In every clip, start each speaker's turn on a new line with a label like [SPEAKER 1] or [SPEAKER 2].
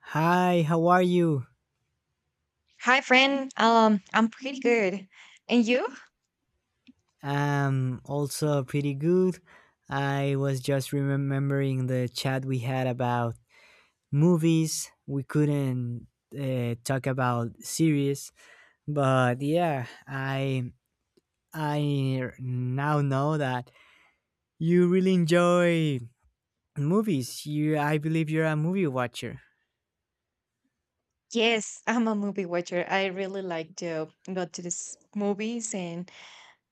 [SPEAKER 1] Hi, how are you?
[SPEAKER 2] Hi, friend. I'm pretty good. And you?
[SPEAKER 1] Also pretty good. I was just remembering the chat we had about movies. We couldn't talk about series, but yeah, I now know that you really enjoy movies. You, I believe you're a movie watcher.
[SPEAKER 2] Yes, I'm a movie watcher. I really like to go to these movies and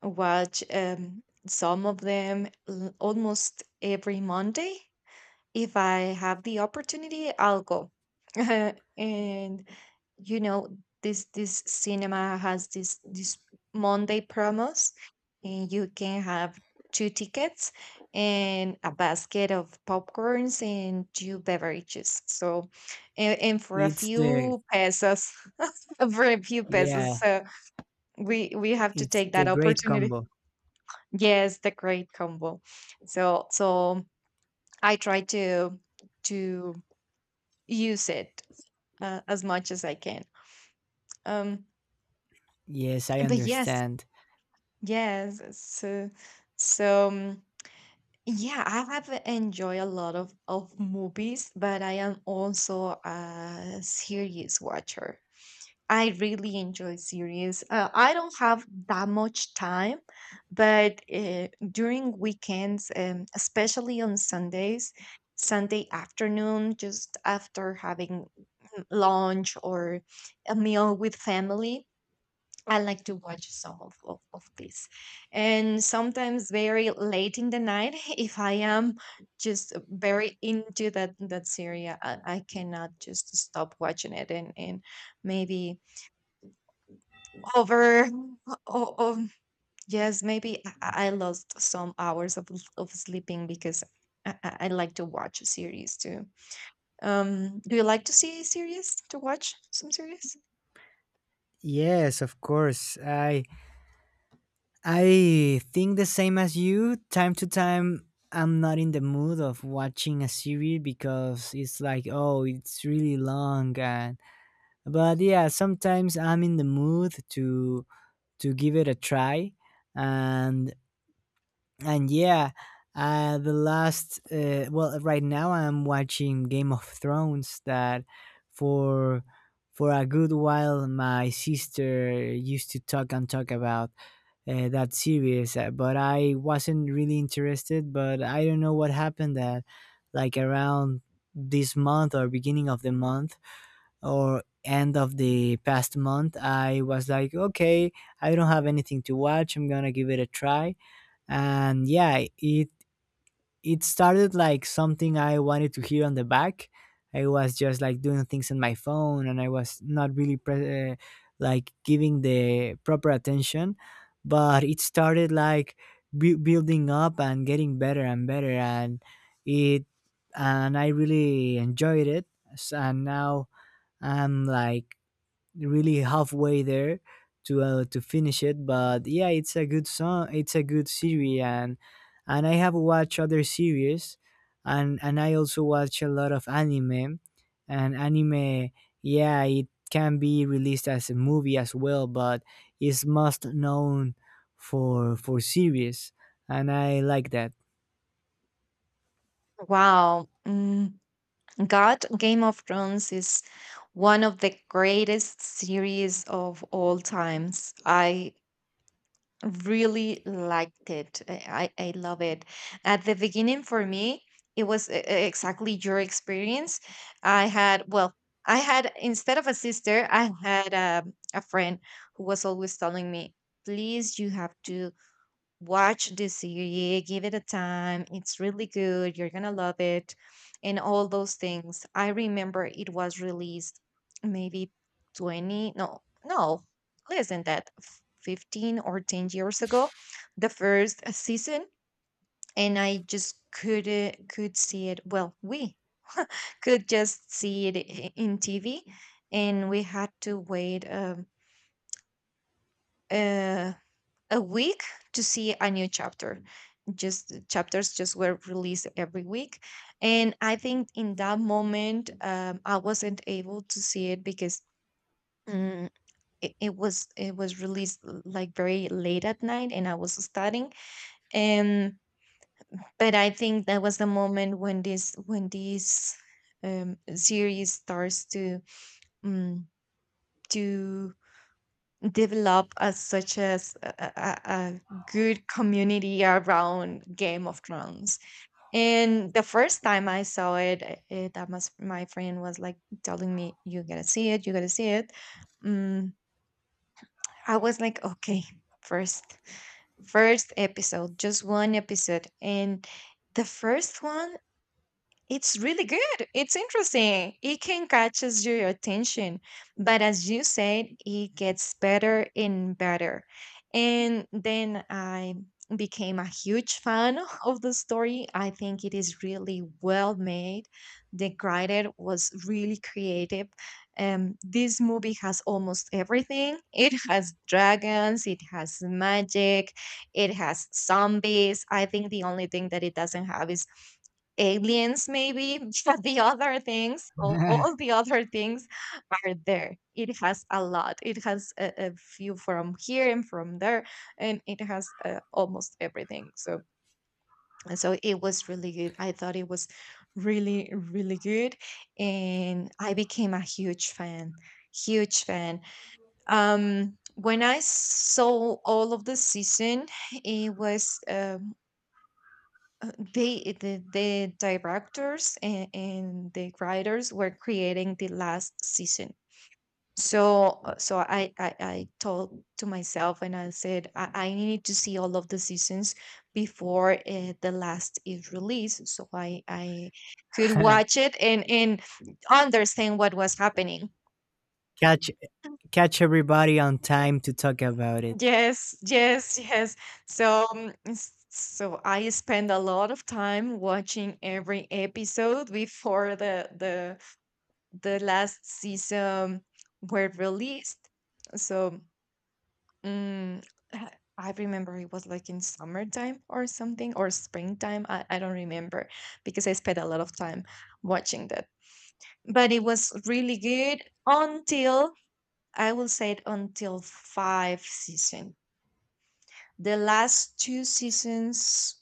[SPEAKER 2] watch some of them almost every Monday. If I have the opportunity, I'll go. And you know, this cinema has this Monday promos, and you can have two tickets and a basket of popcorns and two beverages. So, and for a
[SPEAKER 1] It's the
[SPEAKER 2] few pesos, for a few
[SPEAKER 1] Yeah,
[SPEAKER 2] pesos, so we have to
[SPEAKER 1] it's
[SPEAKER 2] take
[SPEAKER 1] the
[SPEAKER 2] that
[SPEAKER 1] great
[SPEAKER 2] opportunity.
[SPEAKER 1] combo.
[SPEAKER 2] Yes, the great combo. So I try to use it, as much as I can. Um,
[SPEAKER 1] Yes, I
[SPEAKER 2] but yes,
[SPEAKER 1] understand.
[SPEAKER 2] yes. So, so yeah, I have enjoyed a lot of movies, but I am also a series watcher. I really enjoy series. I don't have that much time, but during weekends, especially on Sundays, Sunday afternoon, just after having lunch or a meal with family, I like to watch some of this. And sometimes very late in the night, if I am just very into that series, I cannot just stop watching it and maybe over, oh, oh, yes, maybe I lost some hours of sleeping because I like to watch series too. Do you like to see series to watch some series?
[SPEAKER 1] Yes, of course. I think the same as you. Time to time, I'm not in the mood of watching a series because it's like, oh, it's really long. And But yeah, sometimes I'm in the mood to give it a try, and and yeah, the last well, right now I'm watching Game of Thrones. That for for a good while, my sister used to talk and talk about that serious but I wasn't really interested, but I don't know what happened. That like around this month or beginning of the month or end of the past month, I was like, okay, I don't have anything to watch, I'm gonna give it a try. And yeah, it started like something I wanted to hear on the back. I was just like doing things on my phone, and I was not really like giving the proper attention. But it started like building up and getting better and better, and it and I really enjoyed it. And now I'm like really halfway there to finish it. But yeah, it's a good song. It's a good series, and I have watched other series, and I also watch a lot of anime, and anime. Yeah, it can be released as a movie as well, but is most known for series, and I like that.
[SPEAKER 2] Wow. Mm. God, Game of Thrones is one of the greatest series of all times. I really liked it. I love it. At the beginning, for me, it was exactly your experience. I had, well, I had, instead of a sister, I had a friend who was always telling me, please, you have to watch the series, give it a time. It's really good. You're going to love it. And all those things. I remember it was released maybe 20, no, no, less than that, 15 or 10 years ago, the first season. And I just couldn't, could see it. Well, we could just see it in TV. And we had to wait uh, a week to see a new chapter, just chapters just were released every week. And I think in that moment, I wasn't able to see it because mm, it was released like very late at night and I was studying. And but I think that was the moment when this series starts to um, to develop as such as a good community around Game of Thrones. And the first time I saw it, that must my friend was like telling me, "You gotta see it, you gotta see it." Mm, I was like, "Okay, first, first episode, just one episode." And the first one, it's really good. It's interesting. It can catches your attention, but as you said, it gets better and better. And then I became a huge fan of the story. I think it is really well made. The writer was really creative. This movie has almost everything. It has dragons. It has magic. It has zombies. I think the only thing that it doesn't have is aliens maybe but the other things, all the other things are there. It has a lot. It has a few from here and from there, and it has almost everything. So and so it was really good. I thought it was really really good, and I became a huge fan, huge fan. When I saw all of the season, it was the directors and the writers were creating the last season. So so I told to myself and I said I need to see all of the seasons before the last is released, so I could watch it and understand what was happening.
[SPEAKER 1] catch catch everybody on time to talk about it.
[SPEAKER 2] Yes, yes, yes. So, so I spend a lot of time watching every episode before the last season were released. So mm, I remember it was like in summertime or something or springtime. I don't remember because I spent a lot of time watching that. But it was really good until, I will say it, until five season. The last two seasons,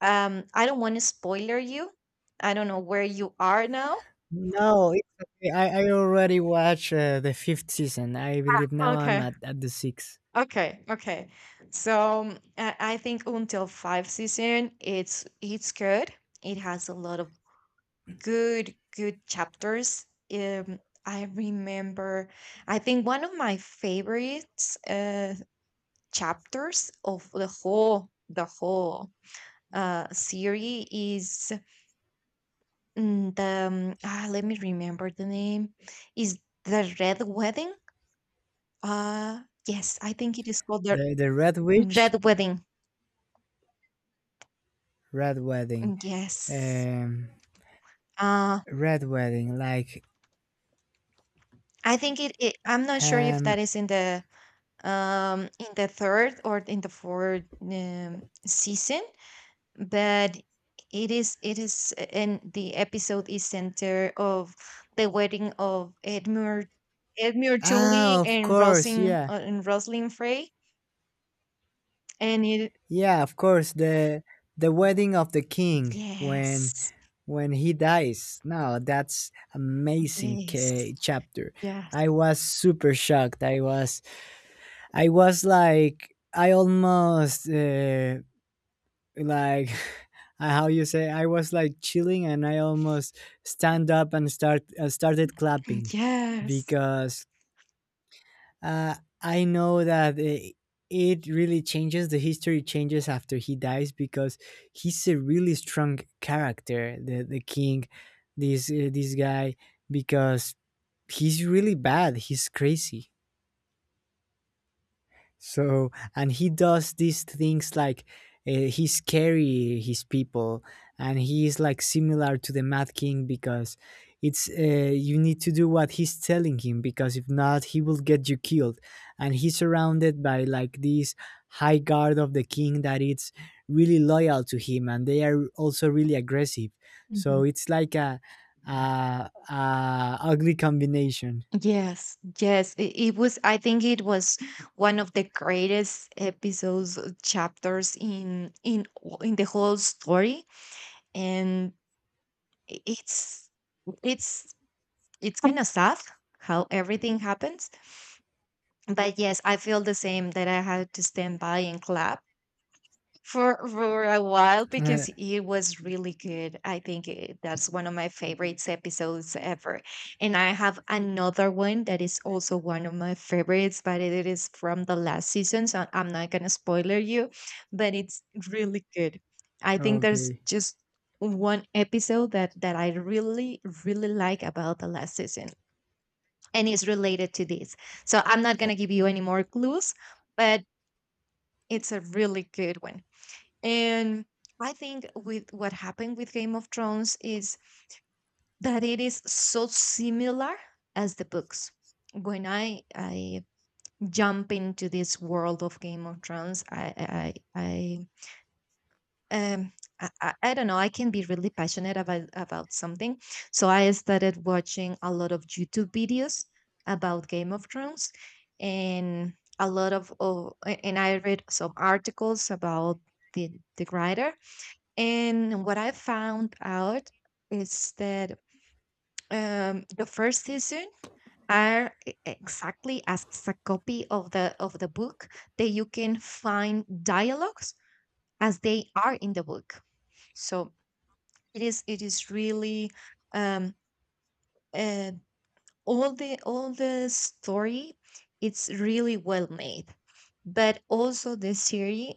[SPEAKER 2] I don't want to spoiler you. I don't know where you are now.
[SPEAKER 1] No, it's okay. I already watched the fifth season. I believe now I'm
[SPEAKER 2] Okay.
[SPEAKER 1] at the sixth.
[SPEAKER 2] Okay, okay. So I think until five season, it's good. It has a lot of good chapters. Um, I remember, I think one of my favorites chapters of the whole series is let me remember the name, is the Red Wedding. Uh, yes, I think it is called the
[SPEAKER 1] The the Red Witch,
[SPEAKER 2] Red Wedding.
[SPEAKER 1] Red Wedding,
[SPEAKER 2] Yes.
[SPEAKER 1] um,
[SPEAKER 2] Uh,
[SPEAKER 1] Red Wedding. Like
[SPEAKER 2] I think it, it. I'm not sure if
[SPEAKER 1] um
[SPEAKER 2] that is in the third or in the fourth season, but it is and the episode is center of the wedding of Edmure Tully
[SPEAKER 1] of
[SPEAKER 2] and
[SPEAKER 1] course,
[SPEAKER 2] Rosling
[SPEAKER 1] yeah,
[SPEAKER 2] and Rosalind Frey, and it,
[SPEAKER 1] yeah, of course. The wedding of the king
[SPEAKER 2] yes,
[SPEAKER 1] when he dies. No, that's amazing
[SPEAKER 2] yes,
[SPEAKER 1] chapter.
[SPEAKER 2] yes,
[SPEAKER 1] I was super shocked. I was like I almost. Like How you say, I was like chilling and I almost stand up and started clapping
[SPEAKER 2] yes.
[SPEAKER 1] because uh, I know that it really changes. The history changes after he dies because he's a really strong character, the king, this this guy, because he's really bad, he's crazy. So, and he does these things like he scary his people, and he is like similar to the Mad King because it's you need to do what he's telling him because if not, he will get you killed. And he's surrounded by like this high guard of the king that it's really loyal to him, and they are also really aggressive. So
[SPEAKER 2] Mhm.
[SPEAKER 1] it's like a ugly combination.
[SPEAKER 2] Yes, yes, it was. I think it was one of the greatest episodes, chapters in in the whole story, and i- it's it's it's kind of sad how everything happens. But yes, I feel the same that I had to stand by and clap for a while because it was really good. I think it, that's one of my favorites episodes ever. And I have another one that is also one of my favorites, but it is from the last season, so I'm not gonna spoiler you, but it's really good. I think there's
[SPEAKER 1] Okay.
[SPEAKER 2] just one episode that that I really really like about the last season, and it's related to this. So I'm not gonna give you any more clues, but it's a really good one. And I think with what happened with Game of Thrones is that it is so similar as the books. When I jump into this world of Game of Thrones, I um I I don't know. I can be really passionate about something, so I started watching a lot of YouTube videos about Game of Thrones, and a lot of and I read some articles about the writer and what I found out is that the first season are exactly as a copy of the book, that you can find dialogues as they are in the book. So it is really um, uh, all the story, it's really well made. But also the series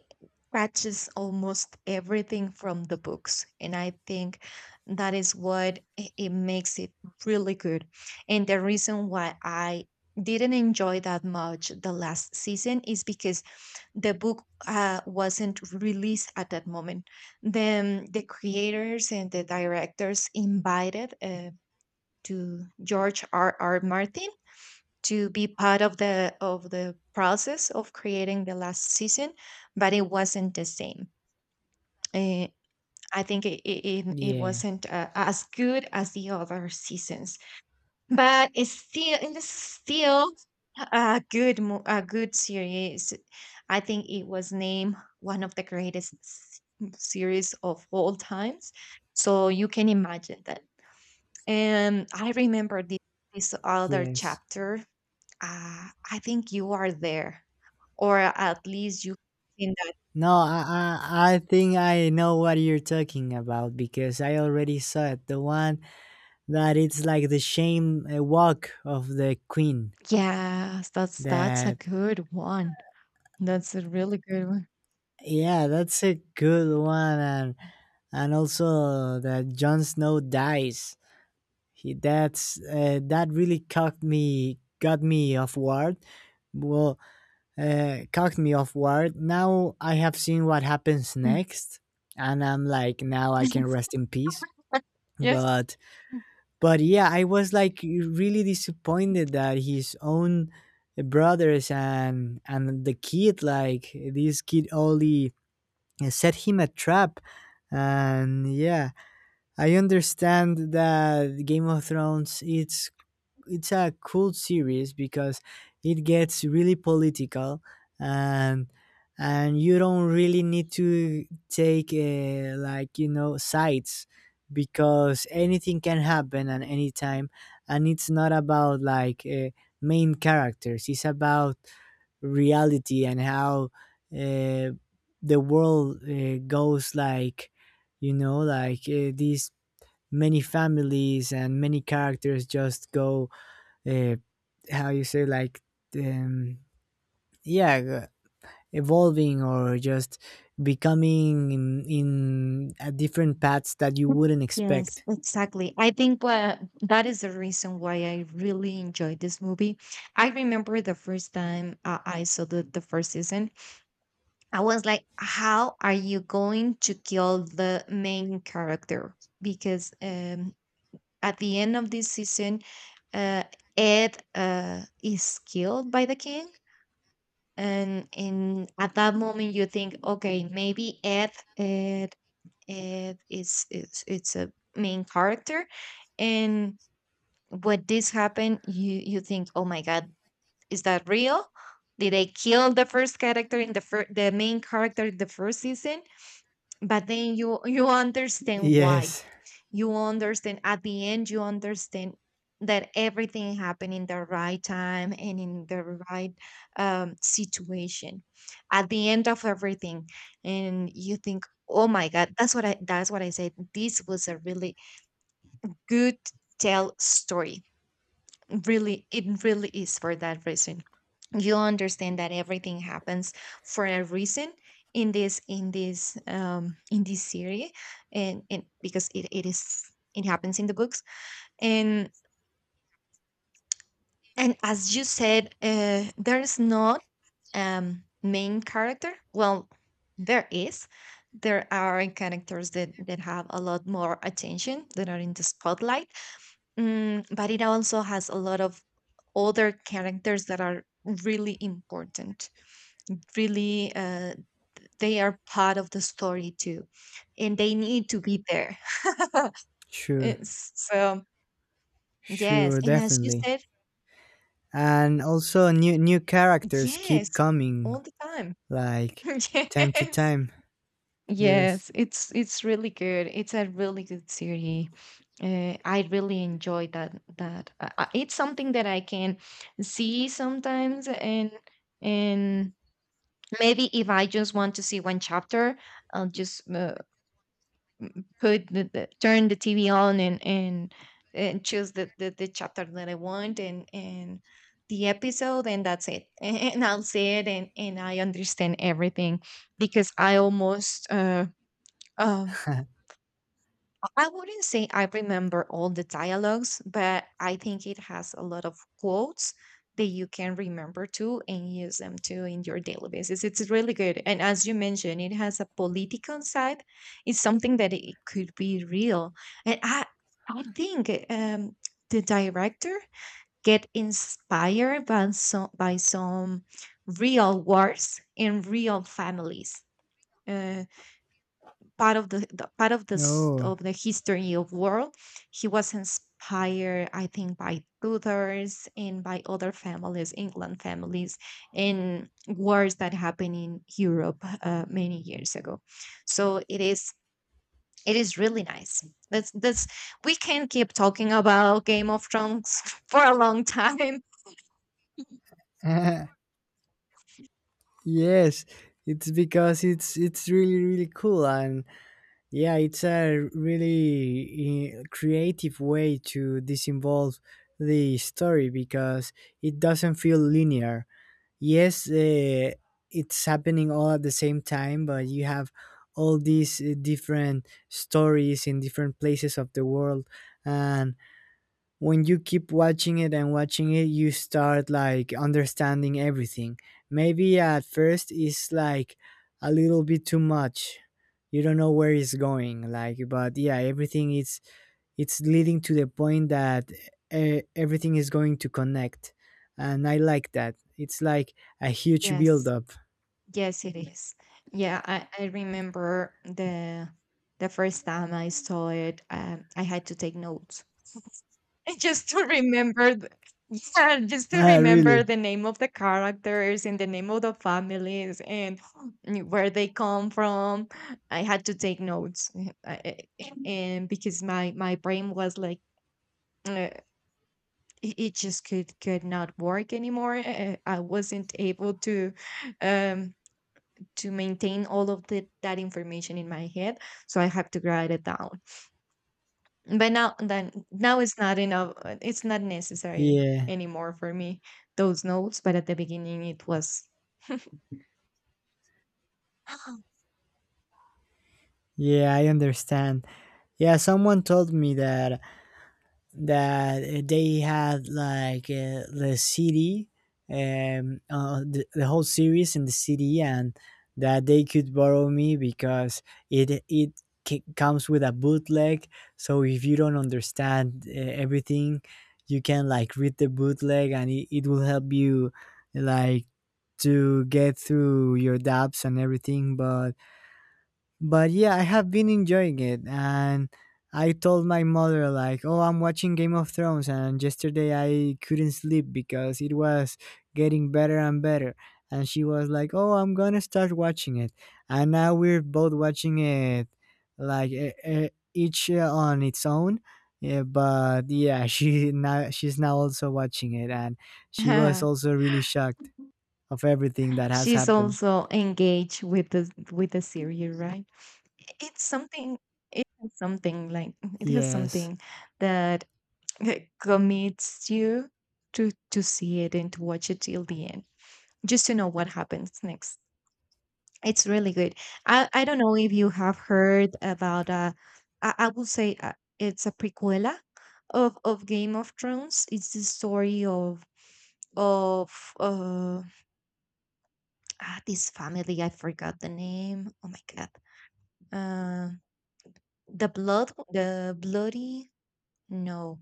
[SPEAKER 2] catches almost everything from the books, and I think that is what it makes it really good. And the reason why I didn't enjoy that much the last season is because the book wasn't released at that moment. Then the creators and the directors invited to George R. R. Martin to be part of the process of creating the last season, but it wasn't the same. Eh, I think it it
[SPEAKER 1] Yeah.
[SPEAKER 2] wasn't as good as the other seasons, but it's still a good a good series. I think it was named one of the greatest series of all times. So you can imagine that. And I remember this other
[SPEAKER 1] Yes.
[SPEAKER 2] chapter. I think you are there, or at least you seen that.
[SPEAKER 1] No, I think I know what you're talking about because I already saw it. The one that it's like the shame walk of the queen.
[SPEAKER 2] Yes, that's a
[SPEAKER 1] That
[SPEAKER 2] good one. That's a really good one.
[SPEAKER 1] Yeah, that's a good one, and also that Jon Snow dies. He That really caught me, got me off guard. Well, caught me off guard. Now I have seen what happens
[SPEAKER 2] Mm.
[SPEAKER 1] next, and I'm like, now I can rest in peace.
[SPEAKER 2] Yes.
[SPEAKER 1] But But yeah, I was like really disappointed that his own brothers and the kid, like this kid only set him a trap. And yeah, I understand that Game of Thrones, it's a cool series because it gets really political, and and you don't really need to take like, you know, sides because anything can happen at any time, and it's not about like main characters, it's about reality and how uh, the world goes, like, you know, like these many families and many characters just go, uh, how you say, like, um, yeah, evolving or just becoming in a different paths that you wouldn't
[SPEAKER 2] Yes,
[SPEAKER 1] expect.
[SPEAKER 2] exactly. I think what that is the reason why I really enjoyed this movie. I remember the first time I saw the first season, I was like, how are you going to kill the main character? Because at the end of this season, uh, Ed is killed by the king, and in at that moment you think, okay, maybe Ed, Ed, Ed is it's a main character, and when this happened, you think, oh my god, is that real? Did they kill the first character in the the main character in the first season? But then you understand why,
[SPEAKER 1] Yes,
[SPEAKER 2] you understand at the end, you understand that everything happened in the right time and in the right situation at the end of everything. And you think, oh my god, that's what I said, this was a really good tell story. Really, it really is for that reason. You understand that everything happens for a reason in this series. And because it is, it happens in the books. and and as you said, there's not main character. Well, there is, there are characters that have a lot more attention, that are in the spotlight. But it also has a lot of other characters that are really important, really, they are part of the story too and they need to be there.
[SPEAKER 1] sure.
[SPEAKER 2] So yes,
[SPEAKER 1] Sure,
[SPEAKER 2] and as you
[SPEAKER 1] definitely.
[SPEAKER 2] said,
[SPEAKER 1] And also new characters keep
[SPEAKER 2] yes,
[SPEAKER 1] coming
[SPEAKER 2] all the time.
[SPEAKER 1] like time to
[SPEAKER 2] Yes.
[SPEAKER 1] time. Yes.
[SPEAKER 2] Yes, it's really good. It's a really good series. I really enjoy that. It's something that I can see sometimes, and and maybe if I just want to see one chapter, I'll just put the turn the TV on and and choose the chapter that I want and the episode, and that's it. And I'll see it, and I understand everything because I almost. Um, I wouldn't say I remember all the dialogues, but I think it has a lot of quotes that you can remember too and use them too in your daily basis. It's really good. And as you mentioned, it has a political side. It's something that it could be real. And I think the director get inspired by some real wars in real families. Uh, part of the part of this
[SPEAKER 1] Oh.
[SPEAKER 2] of the history of world. He was inspired, I think, by Tudors and by other families, England families, in wars that happened in Europe, many years ago. So it is, it is really nice. That's, we can keep talking about Game of Thrones for a long time.
[SPEAKER 1] Yes, it's because it's really really cool. And yeah, it's a really creative way to disinvolve the story because it doesn't feel linear. Yes, it's happening all at the same time, but you have all these different stories in different places of the world, and when you keep watching it and watching it, you start like understanding everything. Maybe at first it's like a little bit too much, you don't know where it's going, like, but yeah, everything is, it's leading to the point that everything is going to connect, and I like that, it's like a huge build
[SPEAKER 2] Yes.
[SPEAKER 1] up.
[SPEAKER 2] Yes, it is. Yeah, I remember the first time I saw it, I had to take notes just to remember. Yeah, just to
[SPEAKER 1] Ah,
[SPEAKER 2] remember
[SPEAKER 1] really?
[SPEAKER 2] the name of the characters and the name of the families and where they come from. I had to take notes, I- and because my brain was like. Uh, it it just could not work anymore. I wasn't able um to maintain all of that information in my head, so I have to write it down. But now it's not enough, it's not necessary
[SPEAKER 1] Yeah,
[SPEAKER 2] anymore for me, those notes, but at the beginning it was.
[SPEAKER 1] yeah, I understand. Yeah, someone told me that that they had like the CD, the whole series in the CD, and that they could borrow me because it comes with a bootleg. So if you don't understand everything, you can like read the bootleg, and it will help you like to get through your doubts and everything. But yeah, I have been enjoying it, and I told my mother like, "Oh, I'm watching Game of Thrones and yesterday I couldn't sleep because it was getting better and better." And she was like, "Oh, I'm going to start watching it." And now we're both watching it like each on its own. Yeah, but yeah, she's now also watching it, and she was also really shocked of everything that has
[SPEAKER 2] She's
[SPEAKER 1] happened.
[SPEAKER 2] also engaged with the series, right? It's something, it has something like, it has
[SPEAKER 1] Yes.
[SPEAKER 2] something that, like, commits you to see it and to watch it till the end, just to know what happens next. It's really good. I don't know if you have heard about, I will say, it's a prequela of Game of Thrones. It's the story of of uh ah, this family. I forgot the name. Oh my god. Uh, the blood, the bloody, no.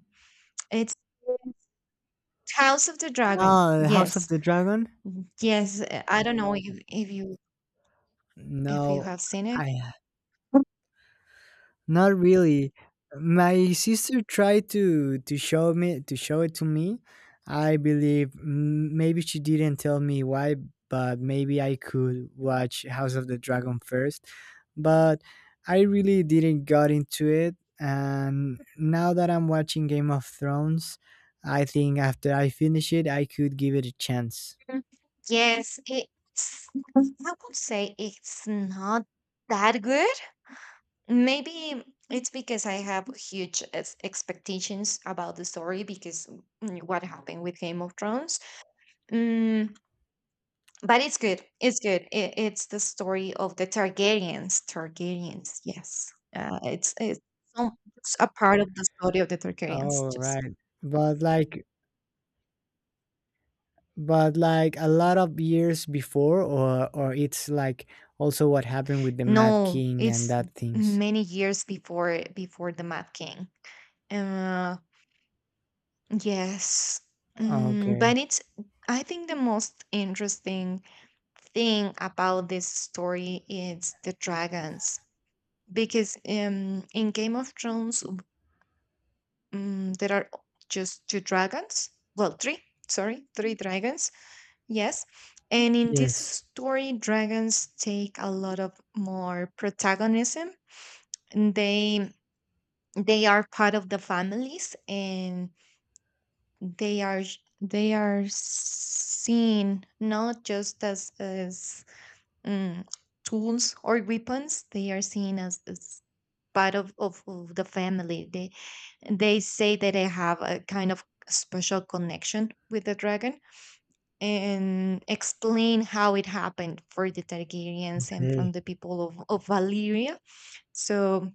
[SPEAKER 2] It's House of the Dragon.
[SPEAKER 1] Oh, House of
[SPEAKER 2] Yes.
[SPEAKER 1] the Dragon?
[SPEAKER 2] Yes. I don't know if you, if you
[SPEAKER 1] No,
[SPEAKER 2] have seen it.
[SPEAKER 1] I not really. My sister tried to show me to show it to me. I believe maybe she didn't tell me why, but maybe I could watch House of the Dragon first. But I really didn't got into it, and now that I'm watching Game of Thrones, I think after I finish it, I could give it a chance.
[SPEAKER 2] Mm, Yes, I would say it's not that good. Maybe it's because I have huge ex- expectations about the story because, what happened with Game of Thrones. Mm, but it's good. It's good. It's the story of the Targaryens. Targaryens, yes. Uh, it's it's, some, it's a part of the story of the Targaryens.
[SPEAKER 1] All
[SPEAKER 2] Just
[SPEAKER 1] right. But like but like a lot of years before, or it's like also what happened with the mad
[SPEAKER 2] no,
[SPEAKER 1] king and
[SPEAKER 2] it's
[SPEAKER 1] that things.
[SPEAKER 2] many years before the Mad King. Uh. Yes. Mm, but
[SPEAKER 1] Okay.
[SPEAKER 2] it's, I think the most interesting thing about this story is the dragons. Because in Game of Thrones, there are just two dragons. Well, three, sorry, three dragons. Yes. And in this
[SPEAKER 1] Yes,
[SPEAKER 2] story, dragons take a lot of more protagonism. And they are part of the families. And they are sh- they are seen not just as mm, tools or weapons. They are seen as, part of the family. They say that they have a kind of special connection with the dragon, and explain how it happened for the Targaryens and from
[SPEAKER 1] okay.
[SPEAKER 2] the people of Valyria. So,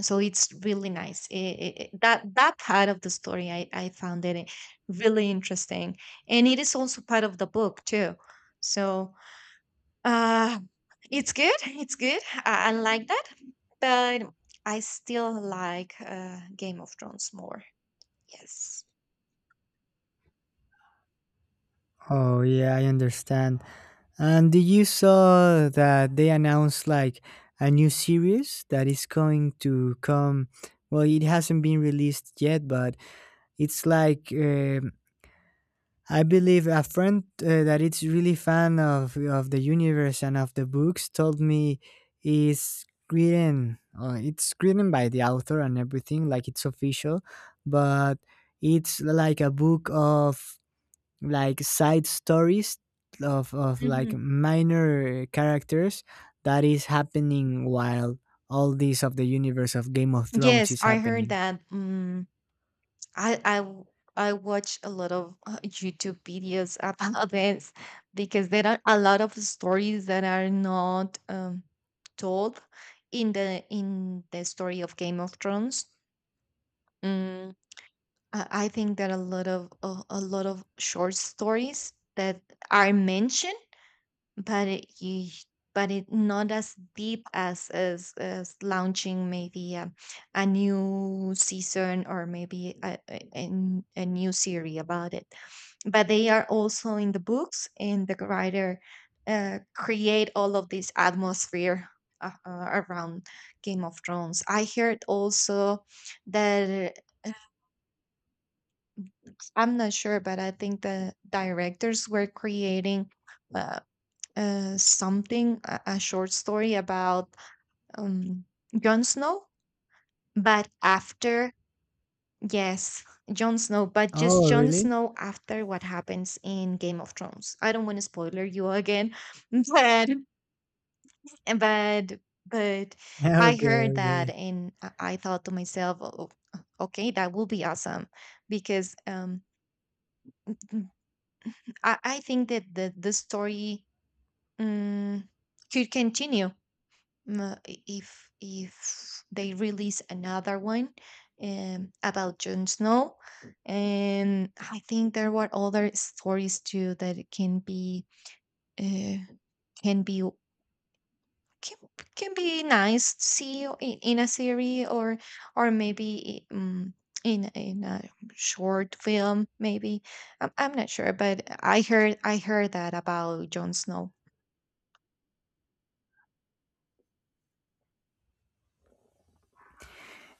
[SPEAKER 2] so it's really nice. That that part of the story, I found it, really interesting. And it is also part of the book too, so uh it's good, it's good. I like that, but I still like, Game of Thrones more. Yes.
[SPEAKER 1] Oh yeah, I understand. And did you saw that they announced like a new series that is going to come? Well, it hasn't been released yet, but it's like I believe a friend that is really fan of the universe and of the books told me is written it's written by the author and everything, like it's official, but it's like a book of like side stories of like
[SPEAKER 2] Mhm.
[SPEAKER 1] minor characters that is happening while all this of the universe of Game of Thrones
[SPEAKER 2] Yes,
[SPEAKER 1] is
[SPEAKER 2] I heard
[SPEAKER 1] happening.
[SPEAKER 2] that. I I w- I watch a lot of YouTube videos about this, because there are a lot of stories that are not told in the story of Game of Thrones. Mm, I think that a lot of a lot of short stories that are mentioned, but but it not as deep as as launching maybe a new season or maybe a new series about it. But they are also in the books. And the writer, create all of this atmosphere around Game of Thrones. I heard also that, uh, I'm not sure, but I think the directors were creating Uh, something, a short story about um Jon Snow, but after, yes, Jon Snow, but just
[SPEAKER 1] Oh,
[SPEAKER 2] Jon
[SPEAKER 1] really?
[SPEAKER 2] Snow after what happens in Game of Thrones. I don't want to spoiler you again, but but but I
[SPEAKER 1] Okay,
[SPEAKER 2] heard
[SPEAKER 1] okay.
[SPEAKER 2] that and I thought to myself, "Oh, oh, okay, that will be awesome because, I think that the story, um, could continue, if they release another one, about Jon Snow, and I think there were other stories too that it can be, uh, can be, can, can be nice to see in a series or maybe, in a short film maybe. I'm not sure, but I heard, I heard that about Jon Snow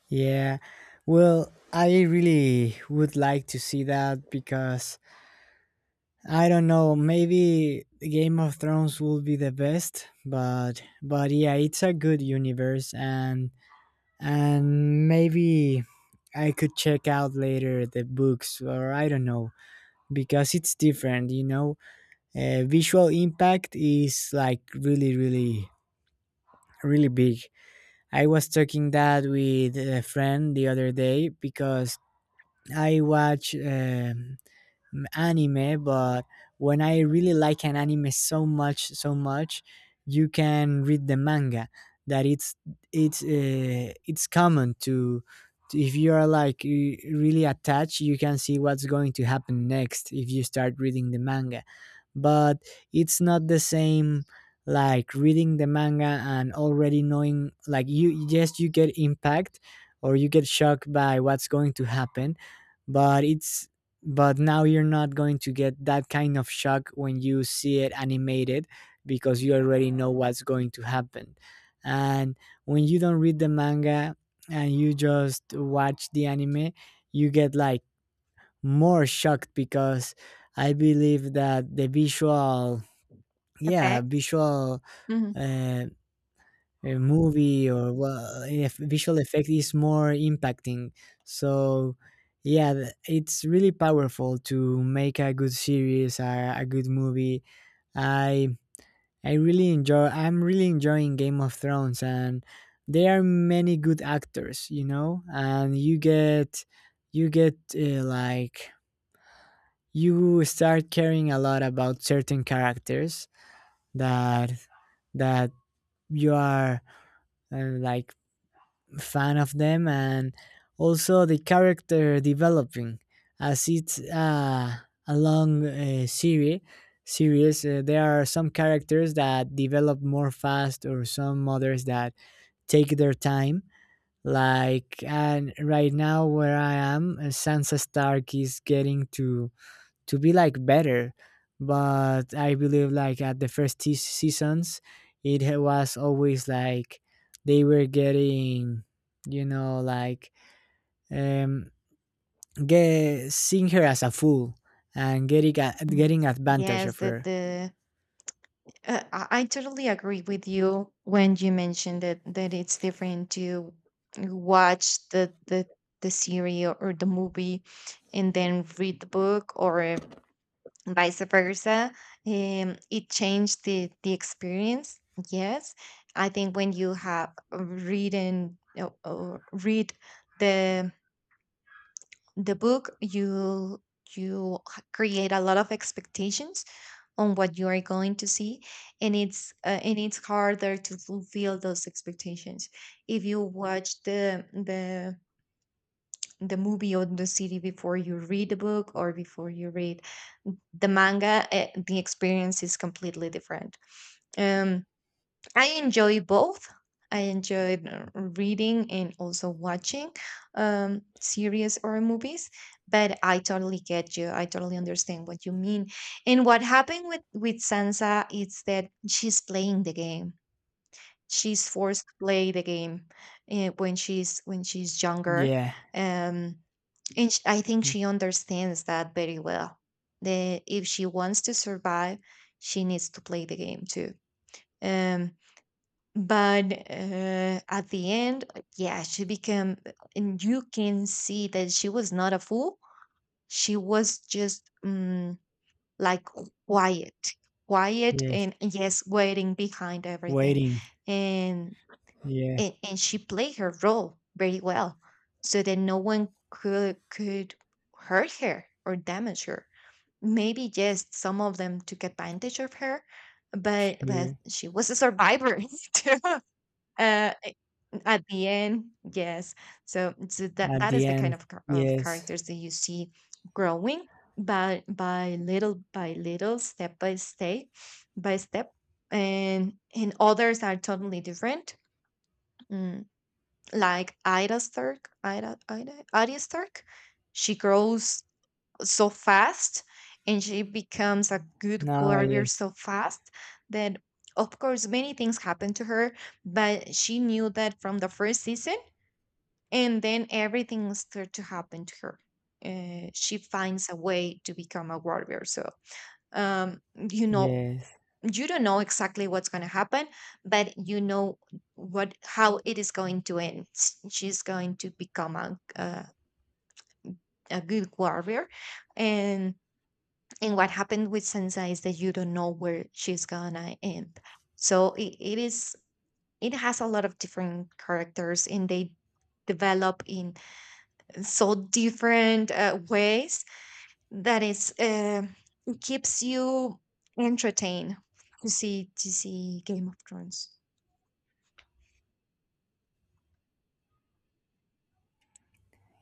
[SPEAKER 1] Yeah. Well, I really would like to see that because I don't know, maybe Game of Thrones will be the best, but yeah, it's a good universe, and maybe I could check out later the books or I don't know because it's different, you know. Visual impact is like really really really big. I was talking that with a friend the other day because I watch anime. But when I really like an anime so much, so much, you can read the manga. That it's it's common to if you are like really attached, you can see what's going to happen next if you start reading the manga. But it's not the same like reading the manga and already knowing, like, you, yes, you get impact or you get shocked by what's going to happen, but it's but now you're not going to get that kind of shock when you see it animated because you already know what's going to happen. And when you don't read the manga and you just watch the anime, you get like more shocked because I believe that the visual, yeah,
[SPEAKER 2] effects.
[SPEAKER 1] visual
[SPEAKER 2] Mhm.
[SPEAKER 1] uh, a movie, or well, if visual effect is more impacting. So yeah, it's really powerful to make a good series, a good movie. I I really enjoy. I'm really enjoying Game of Thrones, and there are many good actors, you know, and you get like you start caring a lot about certain characters that that you are like fan of them. And also the character developing, as it's a long series, there are some characters that develop more fast or some others that take their time. Like, and right now where I am, Sansa Stark is getting to be like better. But I believe like at the first seasons, it was always like they were getting, you know, like, um get seeing her as a fool and
[SPEAKER 2] Mm.
[SPEAKER 1] getting advantage
[SPEAKER 2] Yes,
[SPEAKER 1] of her.
[SPEAKER 2] the I totally agree with you when you mentioned that it's different to watch the series or the movie, and then read the book or vice versa. It changed the experience. Yes, I think when you have written, or read the the book, you create a lot of expectations on what you are going to see. And it's, and it's harder to fulfill those expectations if you watch the movie or the series before you read the book, or before you read the manga. The experience is completely different. um I enjoy both. I enjoy, reading and also watching, series or movies, but I totally get you. I totally understand what you mean. And what happened with Sansa is that she's playing the game. She's forced to play the game, when she's younger.
[SPEAKER 1] Yeah,
[SPEAKER 2] um, and sh- I think she understands that very well. That if she wants to survive, she needs to play the game too. Um, but, at the end, yeah, she became, and you can see that she was not a fool. She was just, like, quiet, quiet
[SPEAKER 1] yes,
[SPEAKER 2] and yes, waiting behind everything.
[SPEAKER 1] waiting.
[SPEAKER 2] And,
[SPEAKER 1] Yes.
[SPEAKER 2] and she played her role very well, so that no one could hurt her or damage her. Maybe, yes, some of them took advantage of her, but
[SPEAKER 1] Sure.
[SPEAKER 2] she was a survivor too, uh, at the end, yes. So, so that
[SPEAKER 1] At
[SPEAKER 2] that
[SPEAKER 1] the
[SPEAKER 2] is the kind
[SPEAKER 1] end.
[SPEAKER 2] of char- of
[SPEAKER 1] Yes.
[SPEAKER 2] characters that you see growing, but by little, step by step, by step. And others are totally different. Mm, like Ida Stark, Ida, Ida, Arya Stark, she grows so fast, and she becomes a good
[SPEAKER 1] No,
[SPEAKER 2] warrior
[SPEAKER 1] yes.
[SPEAKER 2] so fast that, of course, many things happen to her. But she knew that from the first season, and then everything starts to happen to her. She finds a way to become a warrior. So, um, you know,
[SPEAKER 1] Yes.
[SPEAKER 2] you don't know exactly what's going to happen, but you know what how it is going to end. S- She's going to become a good warrior. and and what happened with Sansa is that you don't know where she's gonna end. So it is, it has a lot of different characters, and they develop in so different ways that is, it keeps you entertained to see Game of Thrones.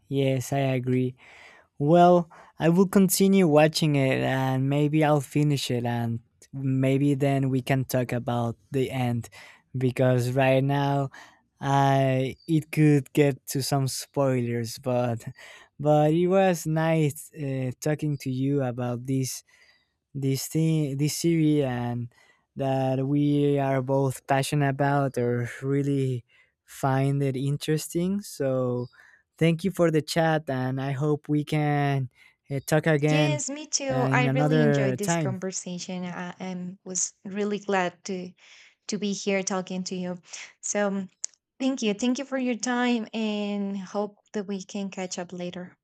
[SPEAKER 1] Yes, I agree. Well, I will continue watching it and maybe I'll finish it, and maybe then we can talk about the end because right now I it could get to some spoilers, but it was nice talking to you about this thing, this series, and that we are both passionate about or really find it interesting. So thank you for the chat, and I hope we can talk again
[SPEAKER 2] Yes, me too.
[SPEAKER 1] in
[SPEAKER 2] I really
[SPEAKER 1] another
[SPEAKER 2] enjoyed this
[SPEAKER 1] time.
[SPEAKER 2] conversation, and was really glad to be here talking to you. So thank you. Thank you for your time, and hope that we can catch up later.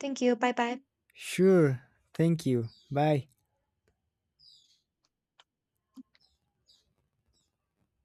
[SPEAKER 2] Thank you. Bye bye.
[SPEAKER 1] Sure, thank you, bye.